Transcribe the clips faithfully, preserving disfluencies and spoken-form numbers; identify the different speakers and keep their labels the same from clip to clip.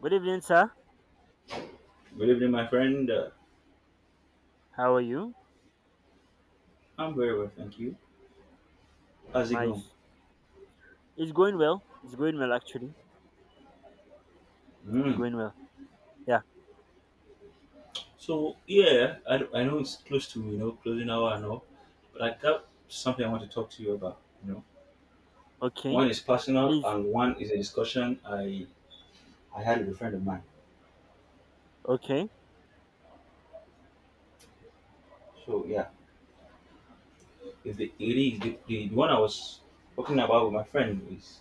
Speaker 1: Good evening, sir.
Speaker 2: Good evening, my friend. Uh,
Speaker 1: How are you?
Speaker 2: I'm very well, thank you. How's it going?
Speaker 1: Nice. It's going well. It's going well, actually. It's
Speaker 2: Mm.
Speaker 1: going well. Yeah.
Speaker 2: So yeah, I, I know it's close to you know closing hour and all, but I got something I want to talk to you about. You know,
Speaker 1: Okay.
Speaker 2: one is personal
Speaker 1: Please.
Speaker 2: and one is a discussion I I had with a friend of mine.
Speaker 1: Okay.
Speaker 2: So yeah, if the it is the, the, the one I was talking about with my friend is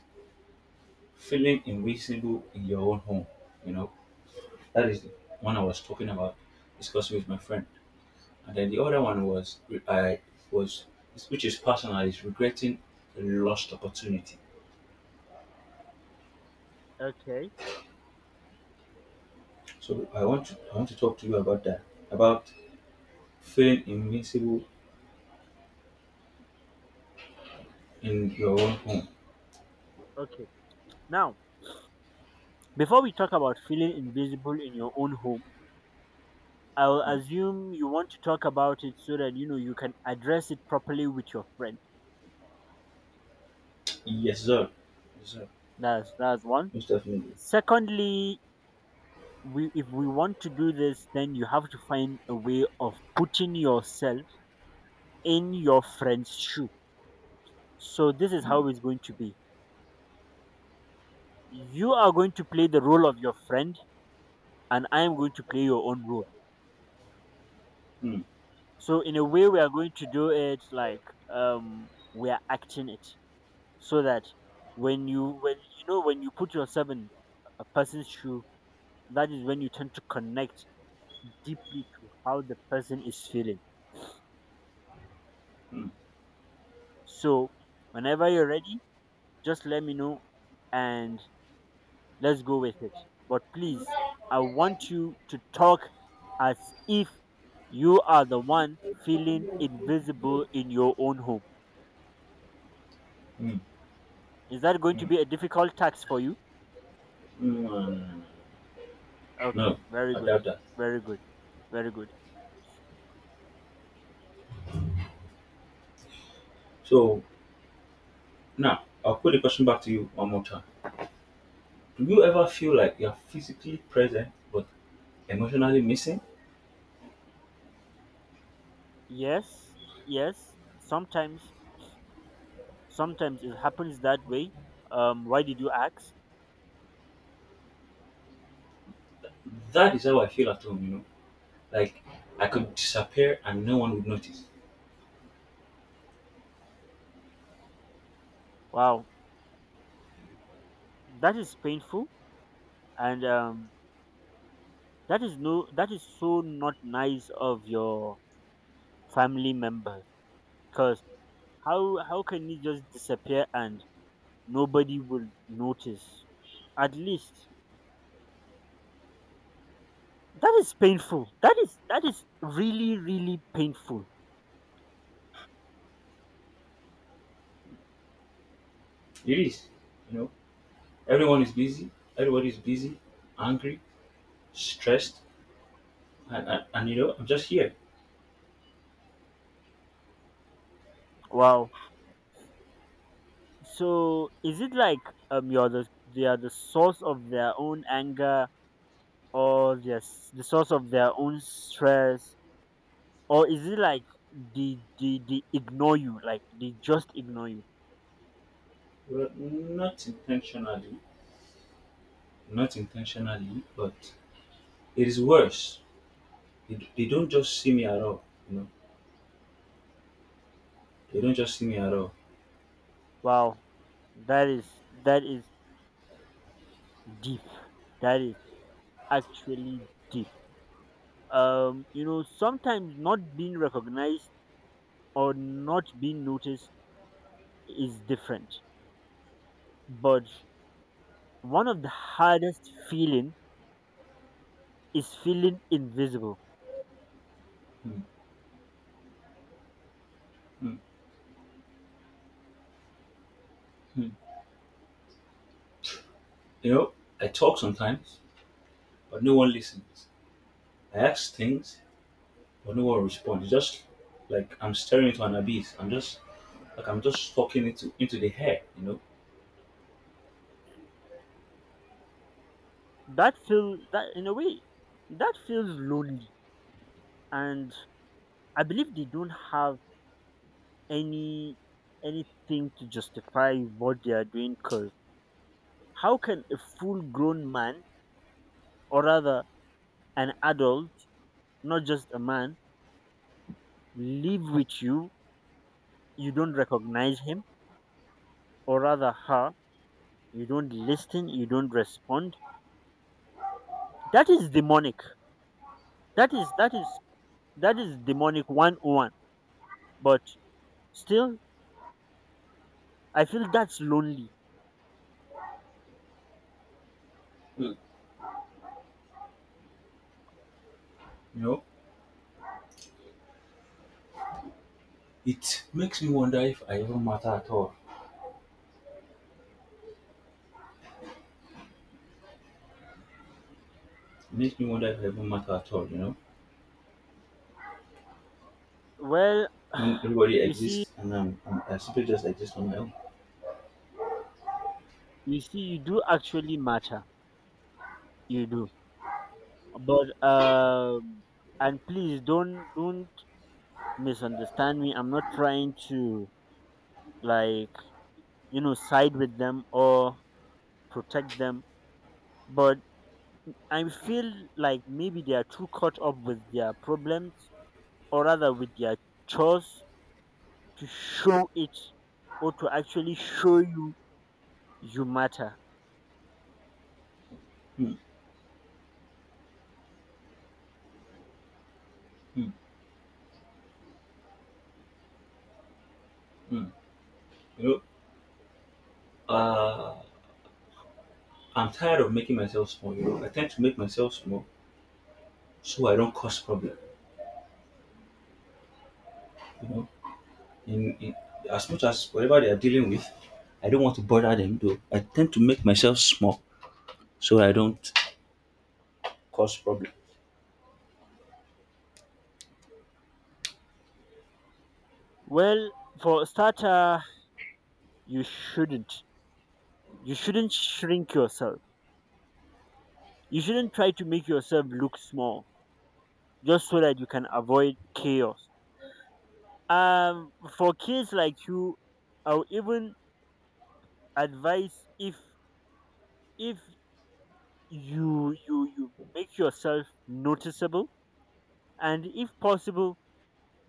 Speaker 2: feeling invisible in your own home. You know, that is the one I was talking about discussing with my friend. And then the other
Speaker 1: Mm,
Speaker 2: one was I was which is personal is regretting a lost opportunity.
Speaker 1: okay.
Speaker 2: So I want to I want to talk to you about that about feeling invincible in your own home.
Speaker 1: Okay. Now, before we talk about feeling invisible in your own home, I'll assume you want to talk about it so that you know you can address it properly with your friend.
Speaker 2: Yes, sir. Yes, sir.
Speaker 1: That's that's one.
Speaker 2: Most definitely.
Speaker 1: Secondly, we if we want to do this, then you have to find a way of putting yourself in your friend's shoe. So this is how it's going to be: you are going to play the role of your friend, and I am going to play your own role.
Speaker 2: Mm.
Speaker 1: So in a way, we are going to do it like, um we are acting it, so that when you when you know when you put yourself in a person's shoe, that is when you tend to connect deeply to how the person is feeling. So whenever you're ready, just let me know, and let's go with it. But please, I
Speaker 2: Mm.
Speaker 1: want you to talk as if you are the one feeling invisible in your own home.
Speaker 2: Mm.
Speaker 1: Is that going to be a difficult task for you?
Speaker 2: Mm.
Speaker 1: Okay,
Speaker 2: No,
Speaker 1: very
Speaker 2: I
Speaker 1: good.
Speaker 2: doubt that.
Speaker 1: Very good. Very good.
Speaker 2: So now I'll put the question back to you one more time. Do you ever feel like you're physically present but emotionally missing?
Speaker 1: Yes, yes. Sometimes, sometimes it happens that way. Um, why did you ask?
Speaker 2: That is how I feel at home, you know. Like I could disappear and no one would notice.
Speaker 1: Wow, that is painful, and um, that is no, that is so not nice of your family member. Cause How how can you just disappear and nobody will notice? At least that is painful. That is that is really really painful.
Speaker 2: It is, you know, everyone is busy. Everybody is busy, angry, stressed, and, and, and you know, I'm just here.
Speaker 1: Wow. So is it like um you're the they are the source of their own anger, or just the source of their own stress, or is it like they they, they ignore you, like they just ignore you?
Speaker 2: Well, not intentionally, not intentionally, but it is worse. They, they don't just see me at all. You know, they don't just see me at all.
Speaker 1: Wow. That is that is deep. That is actually deep. um you know sometimes not being recognized, or not being noticed, is different, but one of the hardest feeling is feeling invisible.
Speaker 2: Hmm, hmm, hmm. You know, I talk sometimes, but no one listens. I ask things, but no one responds. It's just like I'm staring into an abyss. I'm just like I'm just talking into into the hair, you know.
Speaker 1: That feel that in a way, that feels lonely, and I believe they don't have any anything to justify what they are doing. Because how can a full grown man, or rather an adult, not just a man, live with you, you don't recognize him, or rather her, you don't listen, you don't respond? That is demonic. That is that is that is demonic one oh one. But still, I feel that's lonely.
Speaker 2: Hmm. You know, it makes me wonder if I even matter at all. It makes me wonder if I even matter at all, you know.
Speaker 1: Well,
Speaker 2: When everybody
Speaker 1: you see,
Speaker 2: exists and I'm, I'm I simply just exist on my own.
Speaker 1: you see you do actually matter. You do. But um and please, don't don't misunderstand me. I'm not trying to, like, you know side with them or protect them, but I feel like maybe they are too caught up with their problems, or rather with their chores, to show it, or to actually show you you matter?
Speaker 2: Hmm, hmm, hmm. You know, uh, I'm tired of making myself small. You know, I tend to make myself small so I don't cause problem. You know, in, in as much as whatever they are dealing with, I don't want to bother them though. I tend to make myself small so I don't cause problem.
Speaker 1: Well, for a starter, you shouldn't. You shouldn't shrink yourself. You shouldn't try to make yourself look small just so that you can avoid chaos. Um, for kids like you, I'll even advise, if if you you you make yourself noticeable, and if possible,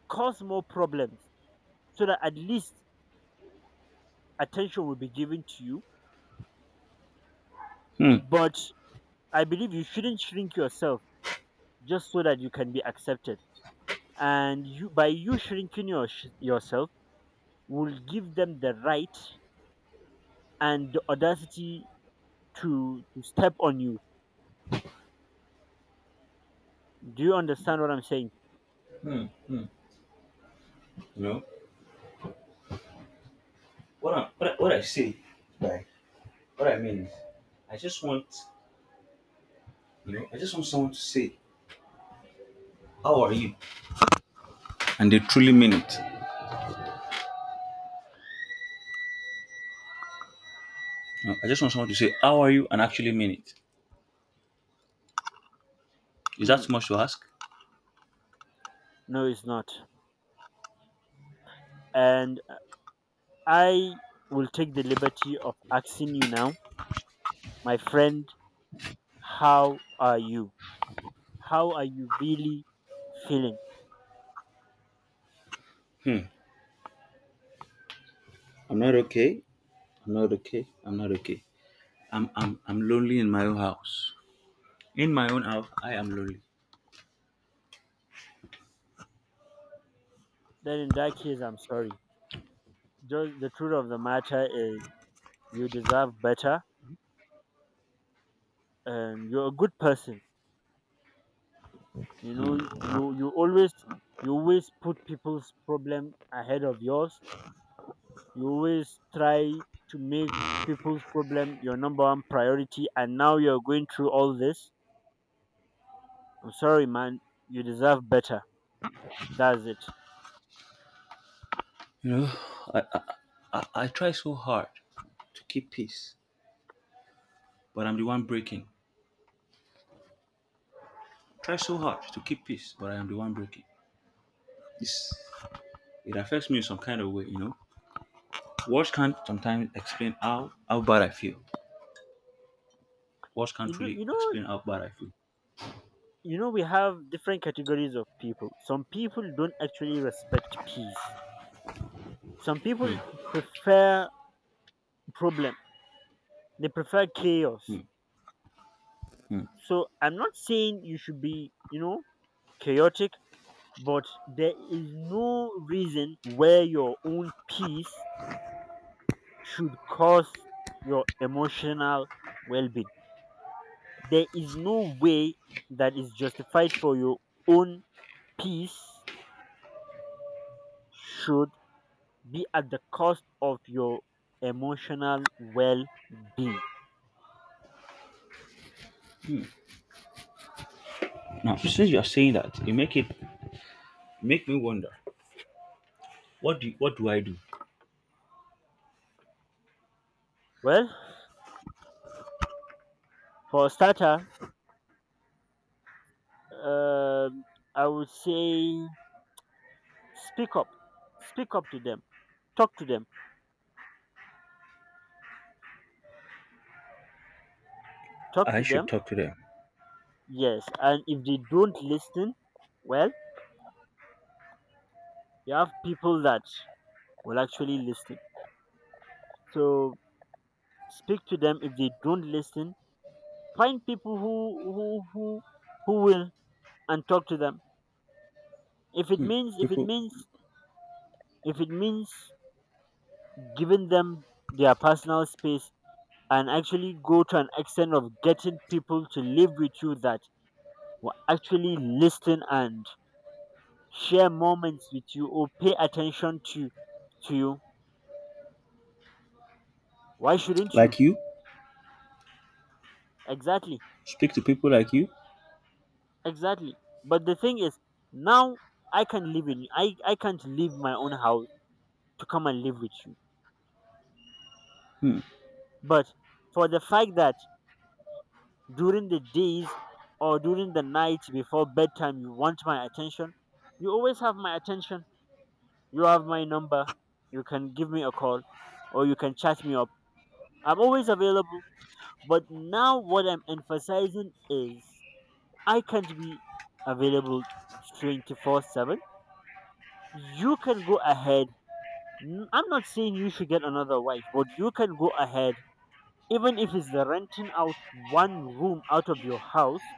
Speaker 1: cause more problems, so that at least attention will be given to you.
Speaker 2: Hmm.
Speaker 1: But I believe you shouldn't shrink yourself just so that you can be accepted. And you, by you shrinking your, yourself, will give them the right and the audacity to, to step on you. Do you understand what I'm saying?
Speaker 2: Hmm. Hmm. You know what I what I, what I say by what I mean is I just want you know I just want someone to say how are you and they truly mean it. You know, I just want someone to say how are you and actually mean it. Is that
Speaker 1: Mm,
Speaker 2: too much to ask?
Speaker 1: no, it's not. And I will take the liberty of asking you now, my friend, how are you? How are you really feeling?
Speaker 2: Hmm. I'm not okay. I'm not okay. I'm not okay. I'm I'm I'm lonely in my own house. In my own house, I am lonely.
Speaker 1: Then in that case, I'm sorry. Just the truth of the matter is you deserve better, and you're a good person. you know you you always you always put people's problem ahead of yours. You always try to make people's problem your number one priority, and now you're going through all this. I'm sorry, man. You deserve better. That's it.
Speaker 2: You know, I I, I, I try so hard to keep peace, but I'm the one breaking. Try so hard to keep peace, but I am the one breaking. Yes. It affects me in some kind of way, you know. Words can't sometimes explain how, how bad I feel. Words can't
Speaker 1: You do, you
Speaker 2: really
Speaker 1: know
Speaker 2: explain how bad I feel.
Speaker 1: You know, we have different categories of people. Some people don't actually respect peace. Some people prefer problem. They prefer chaos.
Speaker 2: Hmm, hmm.
Speaker 1: So I'm not saying you should be, you know, chaotic, but there is no reason where your own peace should cause your emotional well being. There is no way that is justified for your own peace should be at the cost of your emotional well being.
Speaker 2: Now, since you are saying that, you make it make me wonder. What do what do I do?
Speaker 1: Well, for a starter, um I would say speak up. Speak up to them. Talk to them. Talk
Speaker 2: I
Speaker 1: to
Speaker 2: should
Speaker 1: them.
Speaker 2: talk to them.
Speaker 1: Yes. And if they don't listen, well, you have people that will actually listen. So speak to them. If they don't listen, find people who who who who will, and talk to them. If it means if it
Speaker 2: People
Speaker 1: means if it means giving them their personal space, and actually go to an extent of getting people to live with you that will actually listen and share moments with you, or pay attention to to you, why shouldn't you?
Speaker 2: like you,
Speaker 1: Exactly.
Speaker 2: speak to people like you.
Speaker 1: Exactly. But the thing is, now I can live in I I can't leave my own house to come and live with you.
Speaker 2: Hmm,
Speaker 1: But for the fact that during the days, or during the nights before bedtime, you want my attention, you always have my attention. You have my number, you can give me a call, or you can chat me up. I'm always available. But now, what I'm emphasizing is I can't be available twenty-four seven. You can go ahead. N- I'm not saying you should get another wife, but you can go ahead. Even if it's the renting out one room out of your house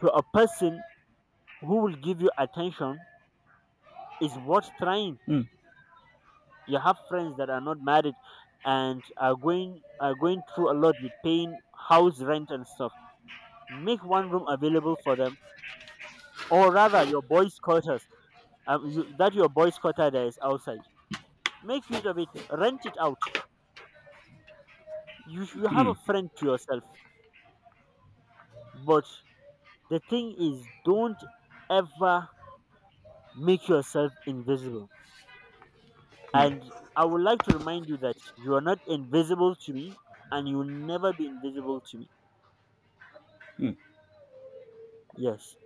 Speaker 1: to a person who will give you attention, is worth trying.
Speaker 2: hmm,
Speaker 1: You have friends that are not married and are going are going through a lot with paying house rent and stuff. Make one room available for them, or rather, your boys' quarters. Um, you, that your boys' quarter that is outside, make use of it. Rent it out. You you have
Speaker 2: hmm,
Speaker 1: a friend to yourself. But the thing is, don't ever make yourself invisible. And I would like to remind you that you are not invisible to me, and you will never be invisible to me.
Speaker 2: hmm.
Speaker 1: Yes.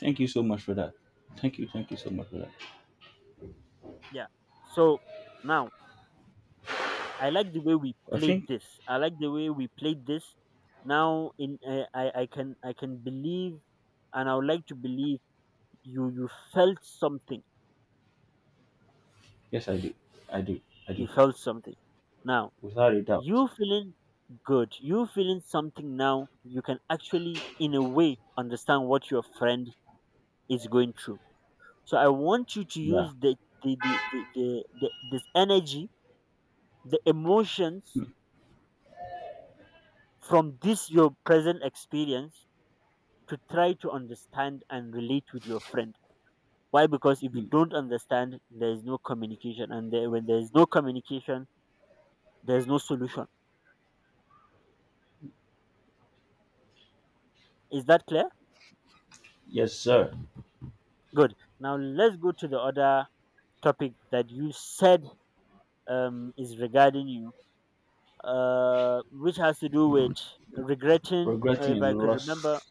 Speaker 2: Thank you so much for that. Thank you, thank you so much for that.
Speaker 1: Yeah. So now, I like the way we
Speaker 2: I
Speaker 1: played
Speaker 2: think
Speaker 1: this. I like the way we played this. Now, in uh, i i can I can believe, and I would like to believe, you you felt something.
Speaker 2: yes, I do, I do, I
Speaker 1: You
Speaker 2: do,
Speaker 1: felt something. Now
Speaker 2: without a doubt.
Speaker 1: you feeling good, you feeling something now, you can actually in a way understand what your friend is going through. So I want you to
Speaker 2: Yeah.
Speaker 1: use the the the, the, the, the this energy, the emotions, from this your present experience, to try to understand and relate with your friend. Why? Because if you
Speaker 2: Hmm.
Speaker 1: don't understand, there is no communication, and there, when there is no communication, there is no solution. Is that clear?
Speaker 2: Yes, sir.
Speaker 1: Good. Now let's go to the other topic that you said um, is regarding you, uh, which has to do with regretting, uh,
Speaker 2: Regretting
Speaker 1: if I
Speaker 2: a
Speaker 1: could remember,
Speaker 2: lost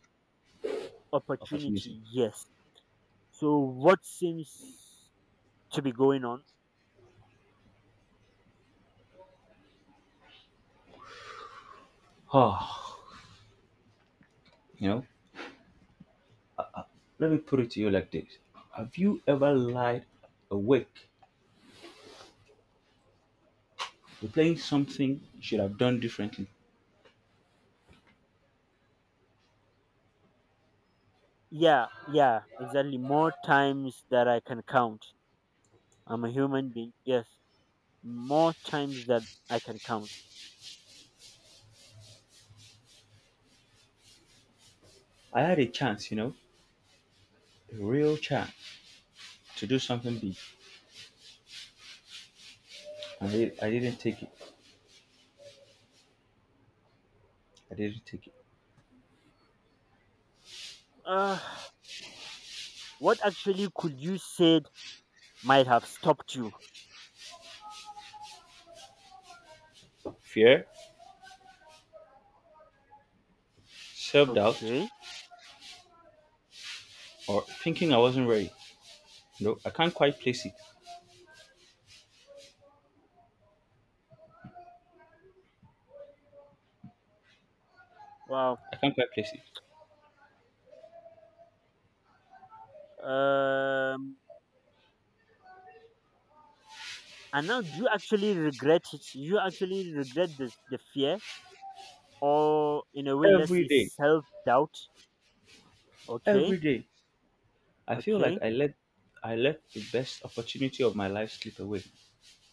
Speaker 2: opportunity.
Speaker 1: opportunity. Yes. So, what seems to be going on?
Speaker 2: Oh, you know, let me put it to you like this. Have you ever lied awake, replaying something you should have done differently?
Speaker 1: Yeah, yeah, exactly. More times that I can count. I'm a human being. Yes, more times that I can count.
Speaker 2: I had a chance, you know, a real chance to do something big, and I, I didn't take it. I didn't take it.
Speaker 1: Uh, what actually could you said might have stopped you?
Speaker 2: Fear, self doubt,
Speaker 1: Okay.
Speaker 2: or thinking I wasn't ready. No, I can't quite place it.
Speaker 1: Wow.
Speaker 2: I can't quite place it.
Speaker 1: Um, And now, do you actually regret it? Do you actually regret the, the fear, or in a way, let's
Speaker 2: Every
Speaker 1: say
Speaker 2: day,
Speaker 1: self doubt. Okay,
Speaker 2: every day, I feel like
Speaker 1: okay.
Speaker 2: I let I let the best opportunity of my life slip away.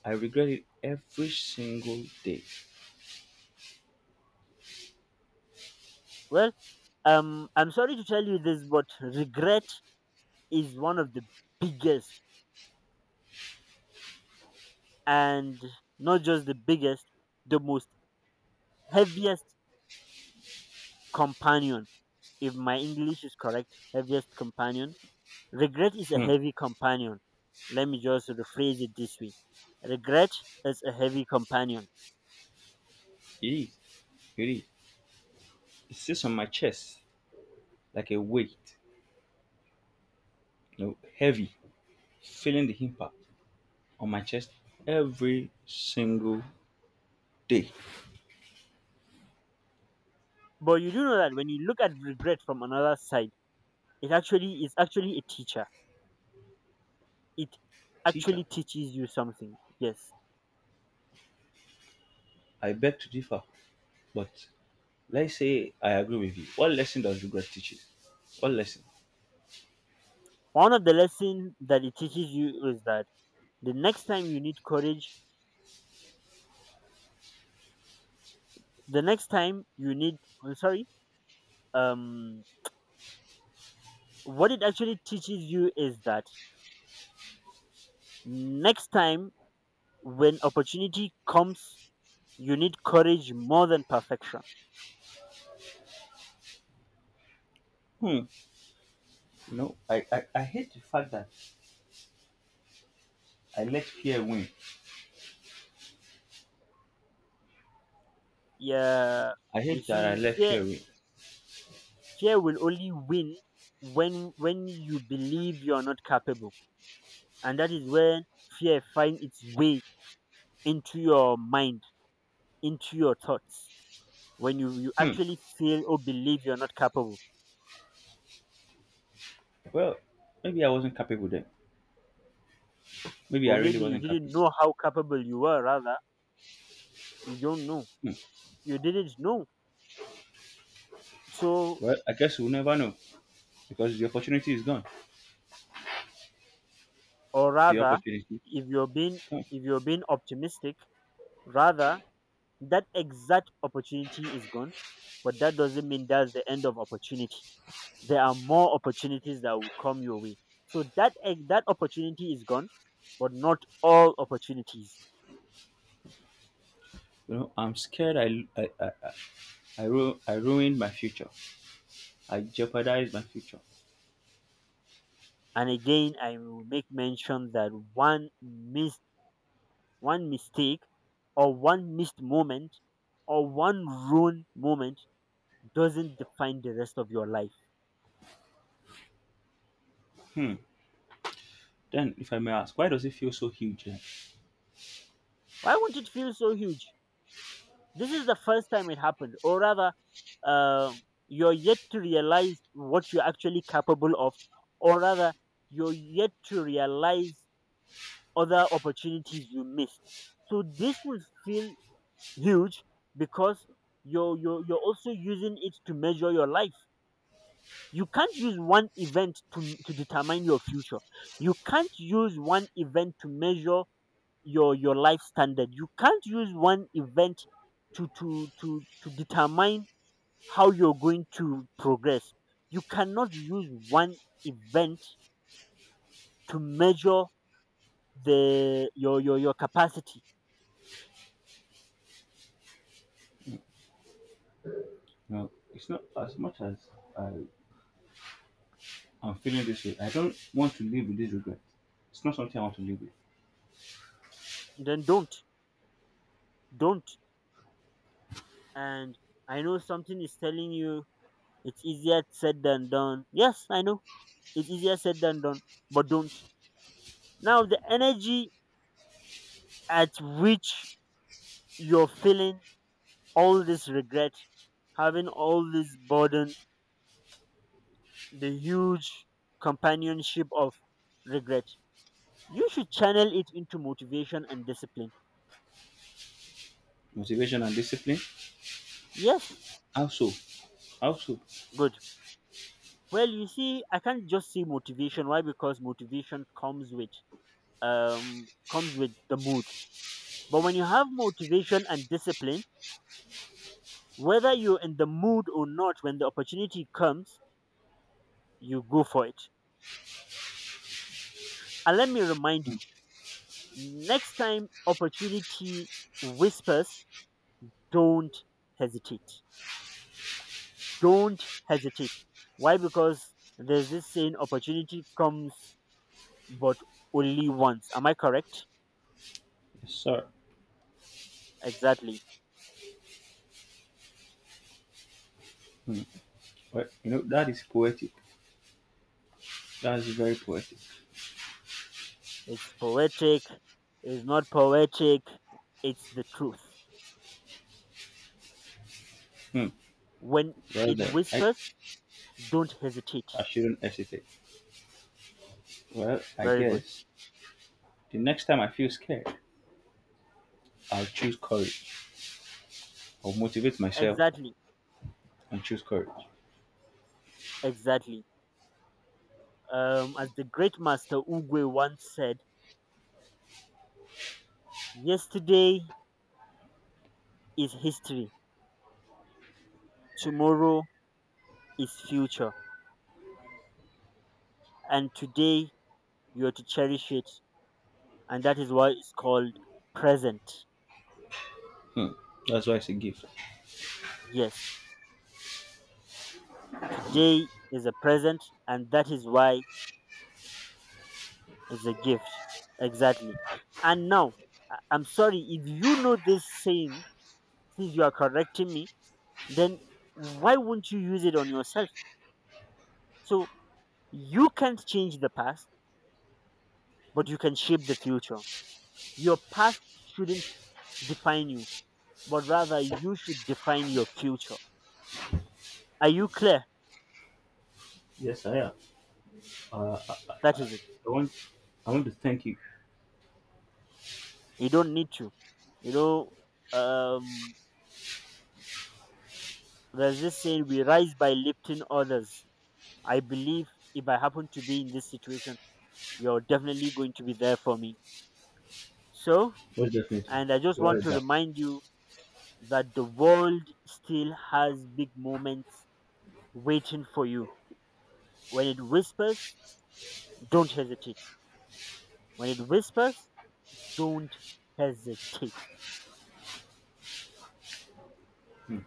Speaker 2: I regret it every single day.
Speaker 1: Well, um, I'm sorry to tell you this, but regret is one of the biggest, and not just the biggest, the most heaviest companion. If my English is correct, heaviest companion. Regret is a
Speaker 2: Hmm.
Speaker 1: heavy companion. Let me just rephrase it this way: regret is a heavy companion.
Speaker 2: It is. It is. It sits on my chest like a weight, you know, heavy, feeling the impact on my chest every single day.
Speaker 1: But you do know that when you look at regret from another side, it actually is actually a teacher. It
Speaker 2: Teacher,
Speaker 1: actually teaches you something. Yes.
Speaker 2: I beg to differ, but let's say I agree with you. What lesson does regret teach you? What lesson?
Speaker 1: One of the lessons that it teaches you is that the next time you need courage, the next time you need, I'm sorry, um what it actually teaches you is that next time when opportunity comes, you need courage more than perfection.
Speaker 2: Hmm. You know, I, I, I hate the fact that I let fear win.
Speaker 1: Yeah,
Speaker 2: I
Speaker 1: you
Speaker 2: hate that I
Speaker 1: see,
Speaker 2: let
Speaker 1: fear
Speaker 2: fear win.
Speaker 1: fear will only win when when you believe you are not capable, and that is when fear finds its way into your mind, into your thoughts. When you, you
Speaker 2: Hmm.
Speaker 1: actually feel or believe you are not capable,
Speaker 2: Well, maybe I wasn't capable then. Maybe
Speaker 1: or
Speaker 2: I really
Speaker 1: maybe you
Speaker 2: wasn't capable.
Speaker 1: didn't know how capable you were, rather you don't know,
Speaker 2: Hmm.
Speaker 1: you didn't know. So,
Speaker 2: Well, I guess we'll never know because the opportunity is gone.
Speaker 1: or
Speaker 2: The
Speaker 1: rather,
Speaker 2: opportunity
Speaker 1: if you're
Speaker 2: is
Speaker 1: being
Speaker 2: gone.
Speaker 1: if you're being optimistic, rather that exact opportunity is gone, but that doesn't mean that's the end of opportunity. There are more opportunities that will come your way. So that ex- that opportunity is gone, but not all opportunities.
Speaker 2: You know, I'm scared I, I, I, I, I, ru- I ruined my future. I jeopardized my future.
Speaker 1: And again, I will make mention that one missed one mistake, or one missed moment, or one ruined moment, doesn't define the rest of your life.
Speaker 2: Then, if I may ask, why does it feel so huge? Then?
Speaker 1: Why won't it feel so huge? This is the first time it happened, or rather, uh, you're yet to realize what you're actually capable of, or rather, you're yet to realize other opportunities you missed. So this will feel huge because you're, you're, you're also using it to measure your life. You can't use one event to, to determine your future. You can't use one event to measure your, your life standard. You can't use one event to, to, to, to determine how you're going to progress. You cannot use one event to measure the your your, your capacity.
Speaker 2: You know, it's not as much as I, I'm feeling this way. I don't want to live with this regret. It's not something I want to live with.
Speaker 1: Then don't. Don't. And I know something is telling you it's easier said than done. Yes, I know it's easier said than done, but don't. Now, the energy at which you're feeling all this regret, having all this burden, the huge companionship of regret, you should channel it into motivation and discipline.
Speaker 2: Motivation and discipline.
Speaker 1: Yes,
Speaker 2: Also, also,
Speaker 1: good. Well, you see, I can't just say motivation. Why? Because motivation comes with um comes with the mood. But when you have motivation and discipline, whether you're in the mood or not, when the opportunity comes, you go for it. And let me remind you, next time opportunity whispers, don't hesitate. Don't hesitate. Why? Because there's this saying, opportunity comes but only once. Am I correct?
Speaker 2: yes, sir.
Speaker 1: Exactly.
Speaker 2: Hmm. Well, you know, that is poetic. That is very poetic.
Speaker 1: It's poetic, it's not poetic, it's the truth.
Speaker 2: Hmm.
Speaker 1: When
Speaker 2: Well,
Speaker 1: it
Speaker 2: then, I,
Speaker 1: whispers, don't hesitate.
Speaker 2: I shouldn't hesitate. Well, I
Speaker 1: Very good.
Speaker 2: guess the next time I feel scared, I'll choose courage. I'll motivate myself
Speaker 1: Exactly.
Speaker 2: and choose courage.
Speaker 1: Exactly. Um, as the great master Ugwe once said, yesterday is history, tomorrow is future, and today you are to cherish it. And that is why it's called present.
Speaker 2: Hmm. That's why it's a gift.
Speaker 1: Yes. Today is a present, and that is why it's a gift. Exactly. And now, I- I'm sorry, if you know this saying, since you are correcting me, then why won't you use it on yourself? So you can't change the past, but you can shape the future. Your past shouldn't define you, but rather you should define your future. Are you clear?
Speaker 2: Yes, I am.
Speaker 1: That is it.
Speaker 2: I want, I want to thank you.
Speaker 1: You don't need to. You know, um, there's this saying, we rise by lifting others. I believe if I happen to be in this situation, you're definitely going to be there for me. So,
Speaker 2: Most definitely.
Speaker 1: and I just
Speaker 2: Without
Speaker 1: want
Speaker 2: a
Speaker 1: to
Speaker 2: doubt.
Speaker 1: remind you that the world still has big moments waiting for you. When it whispers, don't hesitate. When it whispers, don't hesitate.
Speaker 2: Hmm.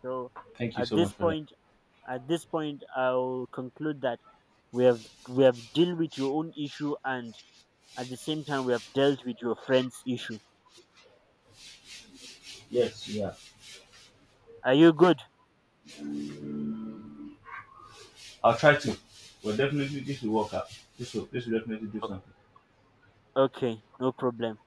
Speaker 1: So
Speaker 2: Thank you
Speaker 1: at
Speaker 2: so
Speaker 1: this
Speaker 2: much for that.
Speaker 1: point, at this point, I'll conclude that we have we have dealt with your own issue, and at the same time, we have dealt with your friend's issue.
Speaker 2: Yes, yeah.
Speaker 1: Are you good?
Speaker 2: I'll try to. But definitely this will work out. This will, this will definitely do
Speaker 1: O-
Speaker 2: something.
Speaker 1: Okay, no problem.